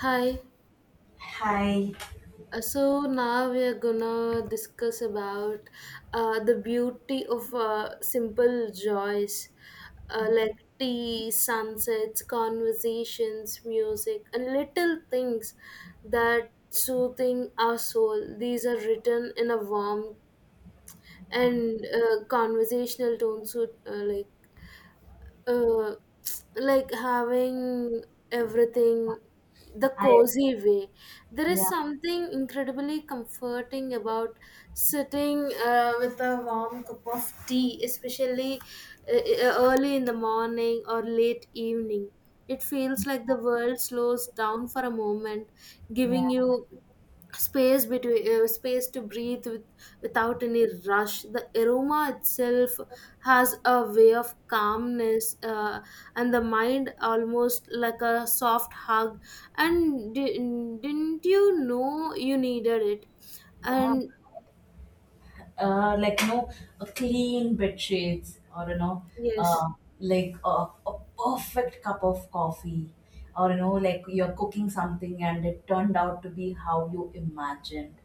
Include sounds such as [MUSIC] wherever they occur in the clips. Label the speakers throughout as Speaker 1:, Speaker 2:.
Speaker 1: Hi.
Speaker 2: Hi,
Speaker 1: So now we are gonna discuss about the beauty of simple joys like tea, sunsets, conversations, music, and little things that soothing our soul. These are written in a warm and conversational tone, so uh, like having everything the
Speaker 2: I
Speaker 1: cozy way. There is
Speaker 2: yeah
Speaker 1: something incredibly comforting about sitting with a warm cup of tea, especially early in the morning or late evening. It feels like the world slows down for a moment, giving
Speaker 2: yeah
Speaker 1: you space to breathe without any rush. The aroma itself has a way of calmness and the mind, almost like a soft hug, and didn't you know you needed it.
Speaker 2: yeah.
Speaker 1: And
Speaker 2: Uh, like you know, a clean bed sheets,
Speaker 1: yes,
Speaker 2: uh, like a perfect cup of coffee, or like you're cooking something and it turned out to be how you imagined.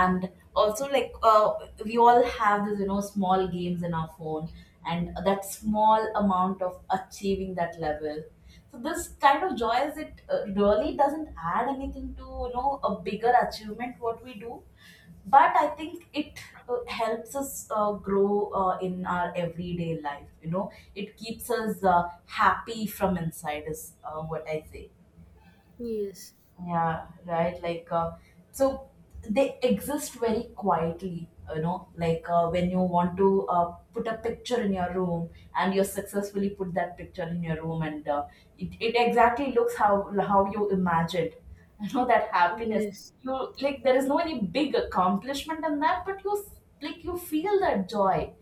Speaker 2: And also like we all have this small games in our phone and that small amount of achieving that level. So this kind of joy, is it really doesn't add anything to, a bigger achievement what we do. But I think it helps us grow in our everyday life. It keeps us happy from inside is what I say.
Speaker 1: yes,
Speaker 2: Yeah, right. So they exist very quietly, when you want to put a picture in your room and you successfully put that picture in your room and it exactly looks how you imagined, [LAUGHS] you know, that happiness.
Speaker 1: yes.
Speaker 2: You like, there is no any big accomplishment in that, but like, you feel that joy,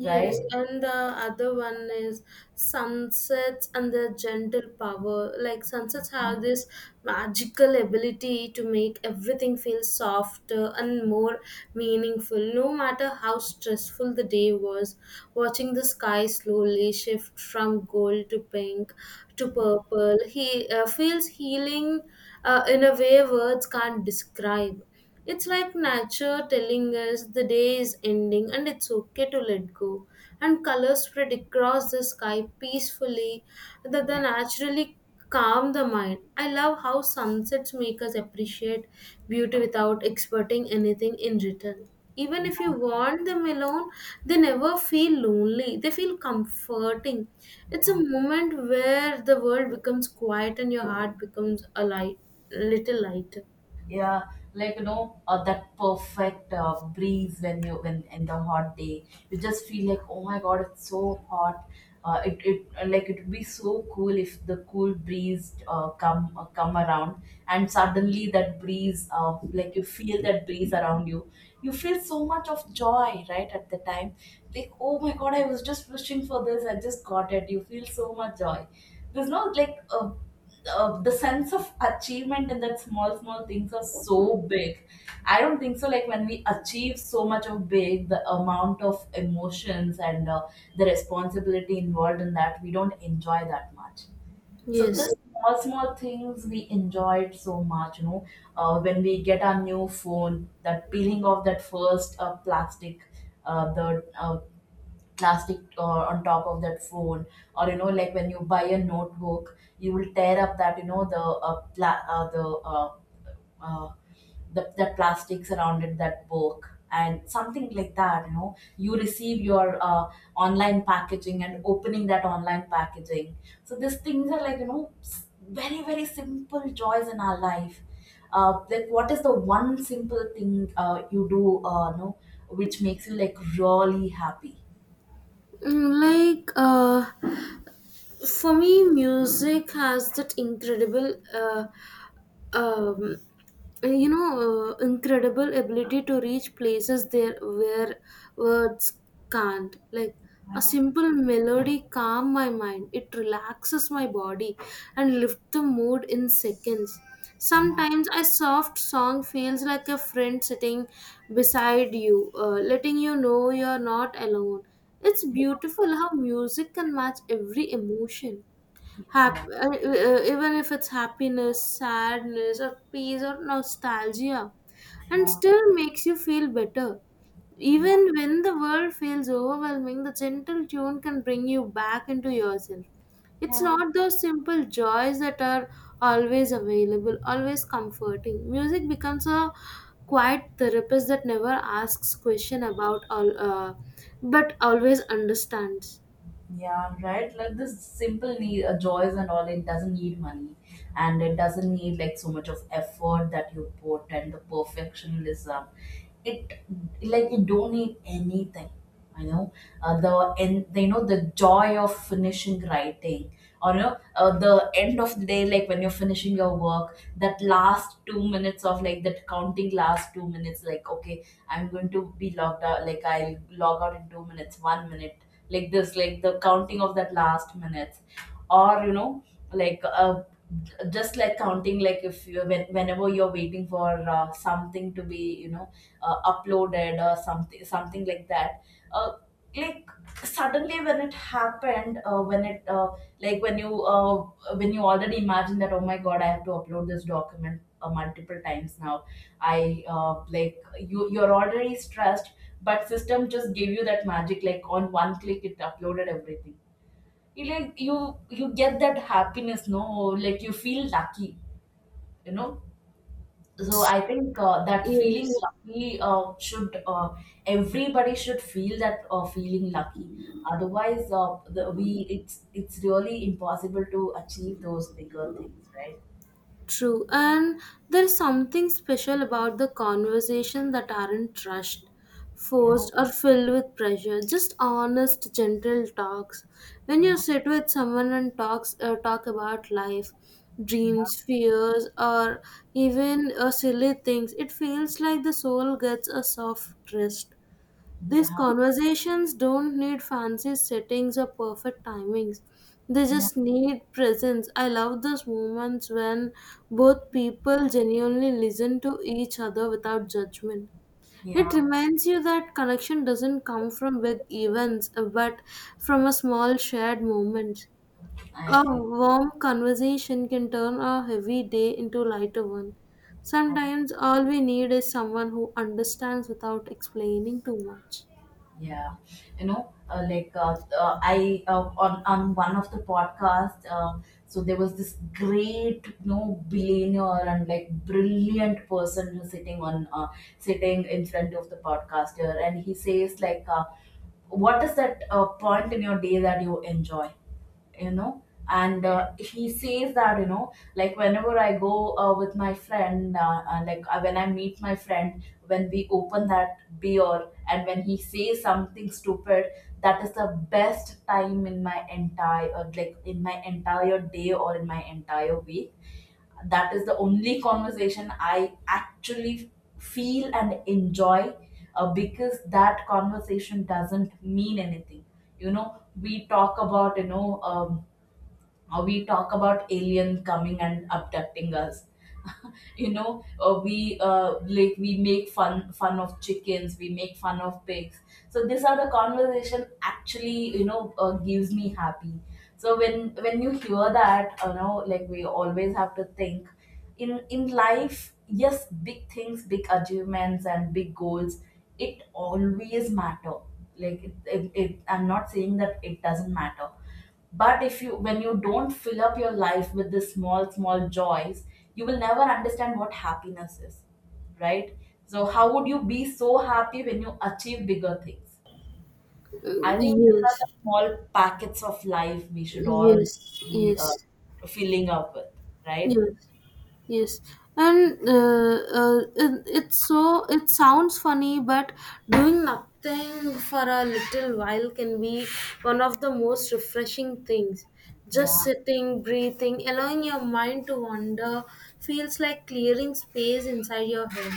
Speaker 2: right?
Speaker 1: and the other one is sunsets and their gentle power. Like sunsets have
Speaker 2: Um,
Speaker 1: this magical ability to make everything feel softer and more meaningful, no matter how stressful the day was. Watching the sky slowly shift from gold to pink to purple, he feels healing in a way words can't describe. It's like nature telling us the day is ending and it's okay to let go. And colors spread across the sky peacefully that they
Speaker 2: yeah,
Speaker 1: naturally calm the mind. I love how sunsets make us appreciate beauty without expecting anything in return. Even if you want them alone, they never feel lonely. They feel comforting. It's
Speaker 2: yeah.
Speaker 1: a moment where the world becomes quiet and your heart becomes a little lighter.
Speaker 2: Yeah. That perfect breeze when you when in the hot day you just feel like, oh my god, it's so hot. It, it like it would be so cool if the cool breeze come around, and suddenly that breeze, like you feel that breeze around you. You feel so much of joy right at the time, like, oh my god, I was just wishing for this, I just got it. You feel so much joy. There's no like a the sense of achievement in that. Small small things are so big. I don't think so, like when we achieve so much of big, the amount of emotions and the responsibility involved in that, we don't enjoy that much. So this
Speaker 1: Yes.
Speaker 2: small small things we enjoyed so much, when we get our new phone, that peeling off that first plastic, the plastic on top of that phone. Or you know, like when you buy a notebook, you will tear up that, you know, the pla- uh, uh, the plastic surrounded that book. And something like that, you know, you receive your online packaging and opening that online packaging. So these things are like, you know, very very simple joys in our life. Like, what is the one simple thing you do, you know, which makes you like really happy?
Speaker 1: Like for me, music has that um, you know, incredible ability to reach places there where words can't. Like a simple melody calm my mind. It relaxes my body and lift the mood in seconds. Sometimes a soft song feels like a friend sitting beside you, letting you know you're not alone. It's beautiful how music can match every emotion.
Speaker 2: Iya,
Speaker 1: Even if it's happiness, sadness, or peace, or nostalgia, and
Speaker 2: ya,
Speaker 1: still makes you feel better.
Speaker 2: ya,
Speaker 1: Even when the world feels overwhelming, the gentle tune can bring you back into yourself. It's
Speaker 2: iya.
Speaker 1: not those simple joys that are always available, always comforting. Music becomes a quiet therapist that never asks question about all, but always understands.
Speaker 2: Yeah, right. Like, this simple need joys and all, it doesn't need money, and it doesn't need like so much of effort that you put and the perfectionism. It, like you don't need anything. You know, the and you know, the joy of finishing writing, or you know, the end of the day, like when you're finishing your work, that last 2 minutes of like that counting last 2 minutes, like, okay, I'm going to be logged out, like I'll log out in 2 minutes, 1 minute. Like this, like the counting of that last minutes. Or you know, like uh, just like counting, like if whenever you're waiting for something to be, you know, uploaded or something something like that. Uh, like suddenly when it happened when it like when you already imagine that, oh my god, I have to upload this document multiple times now. I like you're already stressed, but system just gave you that magic, like on one click, it uploaded everything. You like you get that happiness, no? Like you feel lucky, you know. So I think that feeling
Speaker 1: Yes.
Speaker 2: lucky should everybody should feel that feeling lucky. Otherwise, the, we it's really impossible to achieve those bigger things, right?
Speaker 1: True, and there's something special about the conversation that aren't rushed,
Speaker 2: Yeah,
Speaker 1: forced, or filled with pressure. Just honest, gentle talks. When you sit with someone and talk about life, dreams,
Speaker 2: yeah,
Speaker 1: fears, or even silly things, it feels like the soul gets a soft rest.
Speaker 2: yeah,
Speaker 1: These
Speaker 2: yeah,
Speaker 1: conversations don't need fancy settings or perfect timings. They
Speaker 2: yeah.
Speaker 1: just need presence. I love those moments when both people genuinely listen to each other without judgment. It
Speaker 2: Yeah.
Speaker 1: reminds you that connection doesn't come from big events, but from a small shared moment.
Speaker 2: I
Speaker 1: A
Speaker 2: agree.
Speaker 1: warm conversation can turn a heavy day into a lighter one.
Speaker 2: I
Speaker 1: Sometimes all we need is someone who understands without explaining too much.
Speaker 2: Yeah, you know, like I on one of the podcasts, so there was this great, you know, billionaire and like brilliant person who's sitting on sitting in front of the podcaster, and he says like, "What is that point in your day that you enjoy?" You know, and he says that, you know, like whenever I go with my friend like when I meet my friend, when we open that beer and when he says something stupid, that is the best time in my entire like in my entire day or in my entire week. That is the only conversation I actually feel and enjoy, because that conversation doesn't mean anything. You know, we talk about, you know, we talk about aliens coming and abducting us, you know. We like we make fun fun of chickens, we make fun of pigs. So these are the conversation actually, you know, gives me happy. So when you hear that, you know, like, we always have to think, in life, yes, big things, big achievements and big goals, it always matter. Like it, I'm not saying that it doesn't matter, but if you, when you don't fill up your life with the small small joys, you will never understand what happiness is, right? So how would you be so happy when you achieve bigger things? I think these are
Speaker 1: Yes,
Speaker 2: the small packets of life we should all
Speaker 1: yes,
Speaker 2: be
Speaker 1: yes,
Speaker 2: filling up with, right?
Speaker 1: yes, yes. And it, it's so it sounds funny, but doing nothing for a little while can be one of the most refreshing things. Just
Speaker 2: Yeah
Speaker 1: sitting, breathing, allowing your mind to wander feels like clearing space inside your head.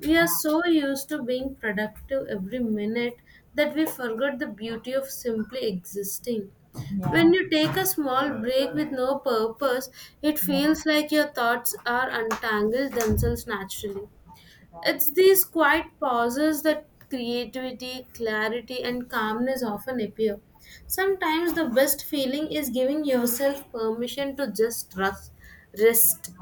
Speaker 1: We are
Speaker 2: yeah
Speaker 1: so used to being productive every minute that we forget the beauty of simply existing.
Speaker 2: yeah
Speaker 1: When you take a small break with no purpose, it
Speaker 2: yeah
Speaker 1: feels like your thoughts are untangled themselves naturally.
Speaker 2: right
Speaker 1: It's these quiet pauses that creativity, clarity, and calmness often appear. Sometimes the best feeling is giving yourself permission to just rest,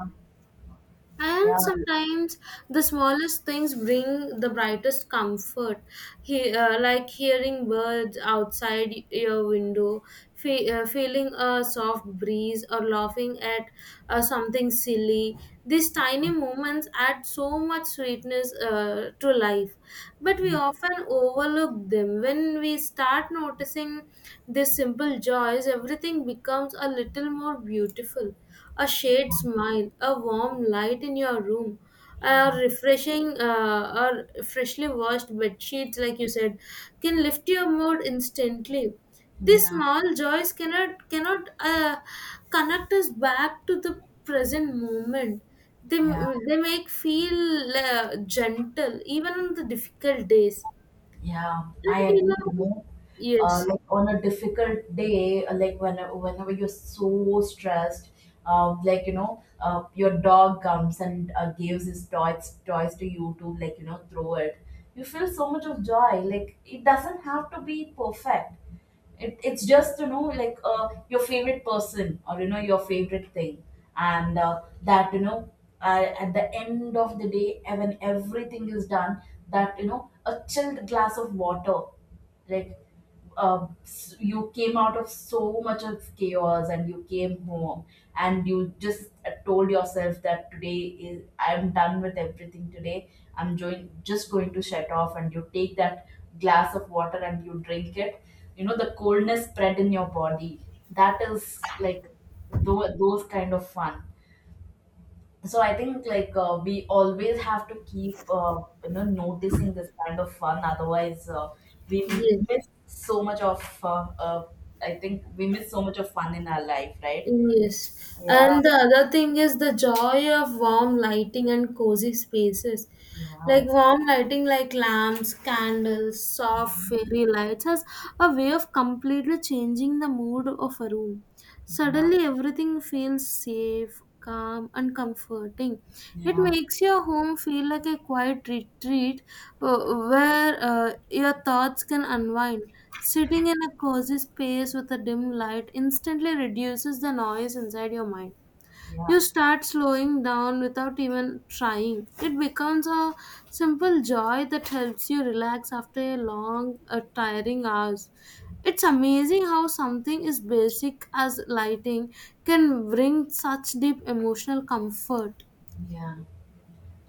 Speaker 2: yeah
Speaker 1: and sometimes the smallest things bring the brightest comfort. Like hearing birds outside your window, feeling a soft breeze, or laughing at something silly. These tiny moments add so much sweetness to life. But we
Speaker 2: yeah
Speaker 1: often overlook them. When we start noticing these simple joys, everything becomes a little more beautiful: a shared smile, a warm light in your room, a
Speaker 2: yeah
Speaker 1: refreshing or freshly washed bed sheets, like you said, can lift your mood instantly. These
Speaker 2: yeah,
Speaker 1: small joys cannot connect us back to the present moment. They
Speaker 2: yeah.
Speaker 1: they make feel gentle even on the difficult days.
Speaker 2: Yeah,
Speaker 1: And
Speaker 2: I
Speaker 1: you
Speaker 2: agree.
Speaker 1: know,
Speaker 2: You know,
Speaker 1: yes,
Speaker 2: like on a difficult day, like whenever you're so stressed, your dog comes and gives his toys to you to, like, you know, throw it. You feel so much of joy. Like it doesn't have to be perfect, it's just, you know, like your favorite person or, you know, your favorite thing. And that you know at the end of the day, when everything is done, that, you know, a chilled glass of water. Like, you came out of so much of chaos and you came home, and you just told yourself that today is I'm done with everything today, I'm just going to shut off, and you take that glass of water and you drink it. You know, the coldness spread in your body. That is like those kind of fun. So I think like we always have to keep you know noticing this kind of fun. Otherwise we
Speaker 1: yes.
Speaker 2: miss so much of I think we miss so much of fun in our life, right?
Speaker 1: Yes.
Speaker 2: yeah
Speaker 1: And the other thing is the joy of warm lighting and cozy spaces.
Speaker 2: yeah
Speaker 1: Like warm lighting, like lamps, candles, soft fairy lights, has a way of completely changing the mood of a room.
Speaker 2: yeah
Speaker 1: Suddenly, everything feels safe, calm, and comforting. It
Speaker 2: yeah
Speaker 1: makes your home feel like a quiet retreat, where your thoughts can unwind. Sitting in a cozy space with a dim light instantly reduces the noise inside your mind. You
Speaker 2: yeah
Speaker 1: start slowing down without even trying. It becomes a simple joy that helps you relax after a long, tiring hours. It's amazing how something as basic as lighting can bring such deep emotional comfort.
Speaker 2: yeah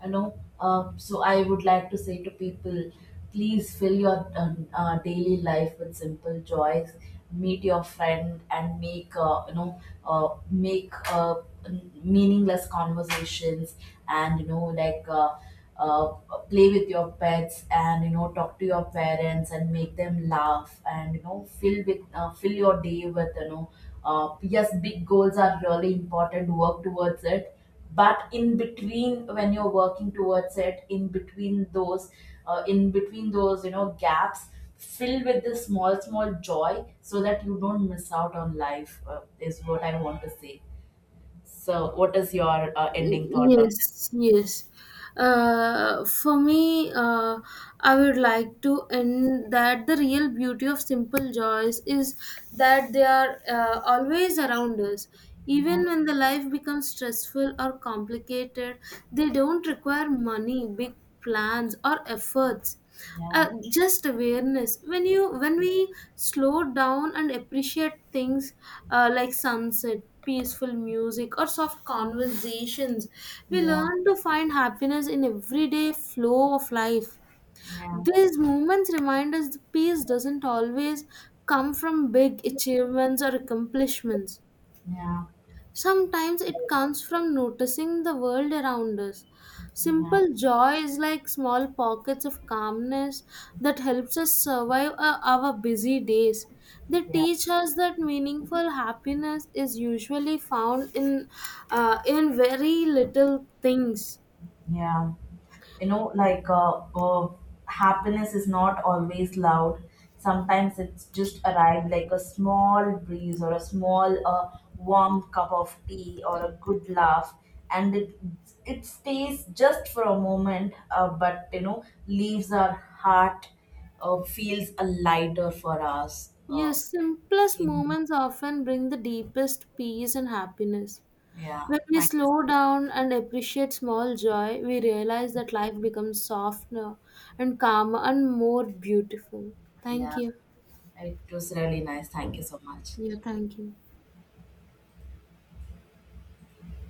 Speaker 2: You know, so I would like to say to people, please fill your daily life with simple joys. Meet your friend and make, you know, make meaningless conversations. And you know, uh, play with your pets, and you know, talk to your parents and make them laugh. And you know, fill with fill your day with, you know, yes, big goals are really important, work towards it. But in between, when you're working towards it, in between those in between those, you know, gaps, fill with this small small joy, so that you don't miss out on life, is what I want to say. So what is your ending thought on that?
Speaker 1: Yes, yes. For me, I would like to end that the real beauty of simple joys is that they are always around us.
Speaker 2: yeah
Speaker 1: Even when the life becomes stressful or complicated, they don't require money, big plans, or efforts,
Speaker 2: yeah
Speaker 1: just awareness. When we slow down and appreciate things like sunset, peaceful music, or soft conversations, we
Speaker 2: yeah
Speaker 1: learn to find happiness in everyday flow of life.
Speaker 2: yeah
Speaker 1: These moments remind us that peace doesn't always come from big achievements or accomplishments.
Speaker 2: yeah
Speaker 1: Sometimes it comes from noticing the world around us.
Speaker 2: yeah
Speaker 1: Simple joy is like small pockets of calmness that helps us survive our busy days. They
Speaker 2: yeah,
Speaker 1: teach us that meaningful happiness is usually found in very little things.
Speaker 2: yeah. You know, happiness is not always loud. Sometimes it's just arrived like a small breeze or a small warm cup of tea or a good laugh. And it stays just for a moment, but you know, leaves our heart feels a lighter for us
Speaker 1: Yes, simplest
Speaker 2: in,
Speaker 1: moments often bring the deepest peace and happiness.
Speaker 2: yeah.
Speaker 1: When we
Speaker 2: Thank you.
Speaker 1: slow down and appreciate small joy, we realize that life becomes softer and calmer and more beautiful. Thank
Speaker 2: Yeah,
Speaker 1: you.
Speaker 2: it was really nice, thank you so much.
Speaker 1: Yeah, thank you.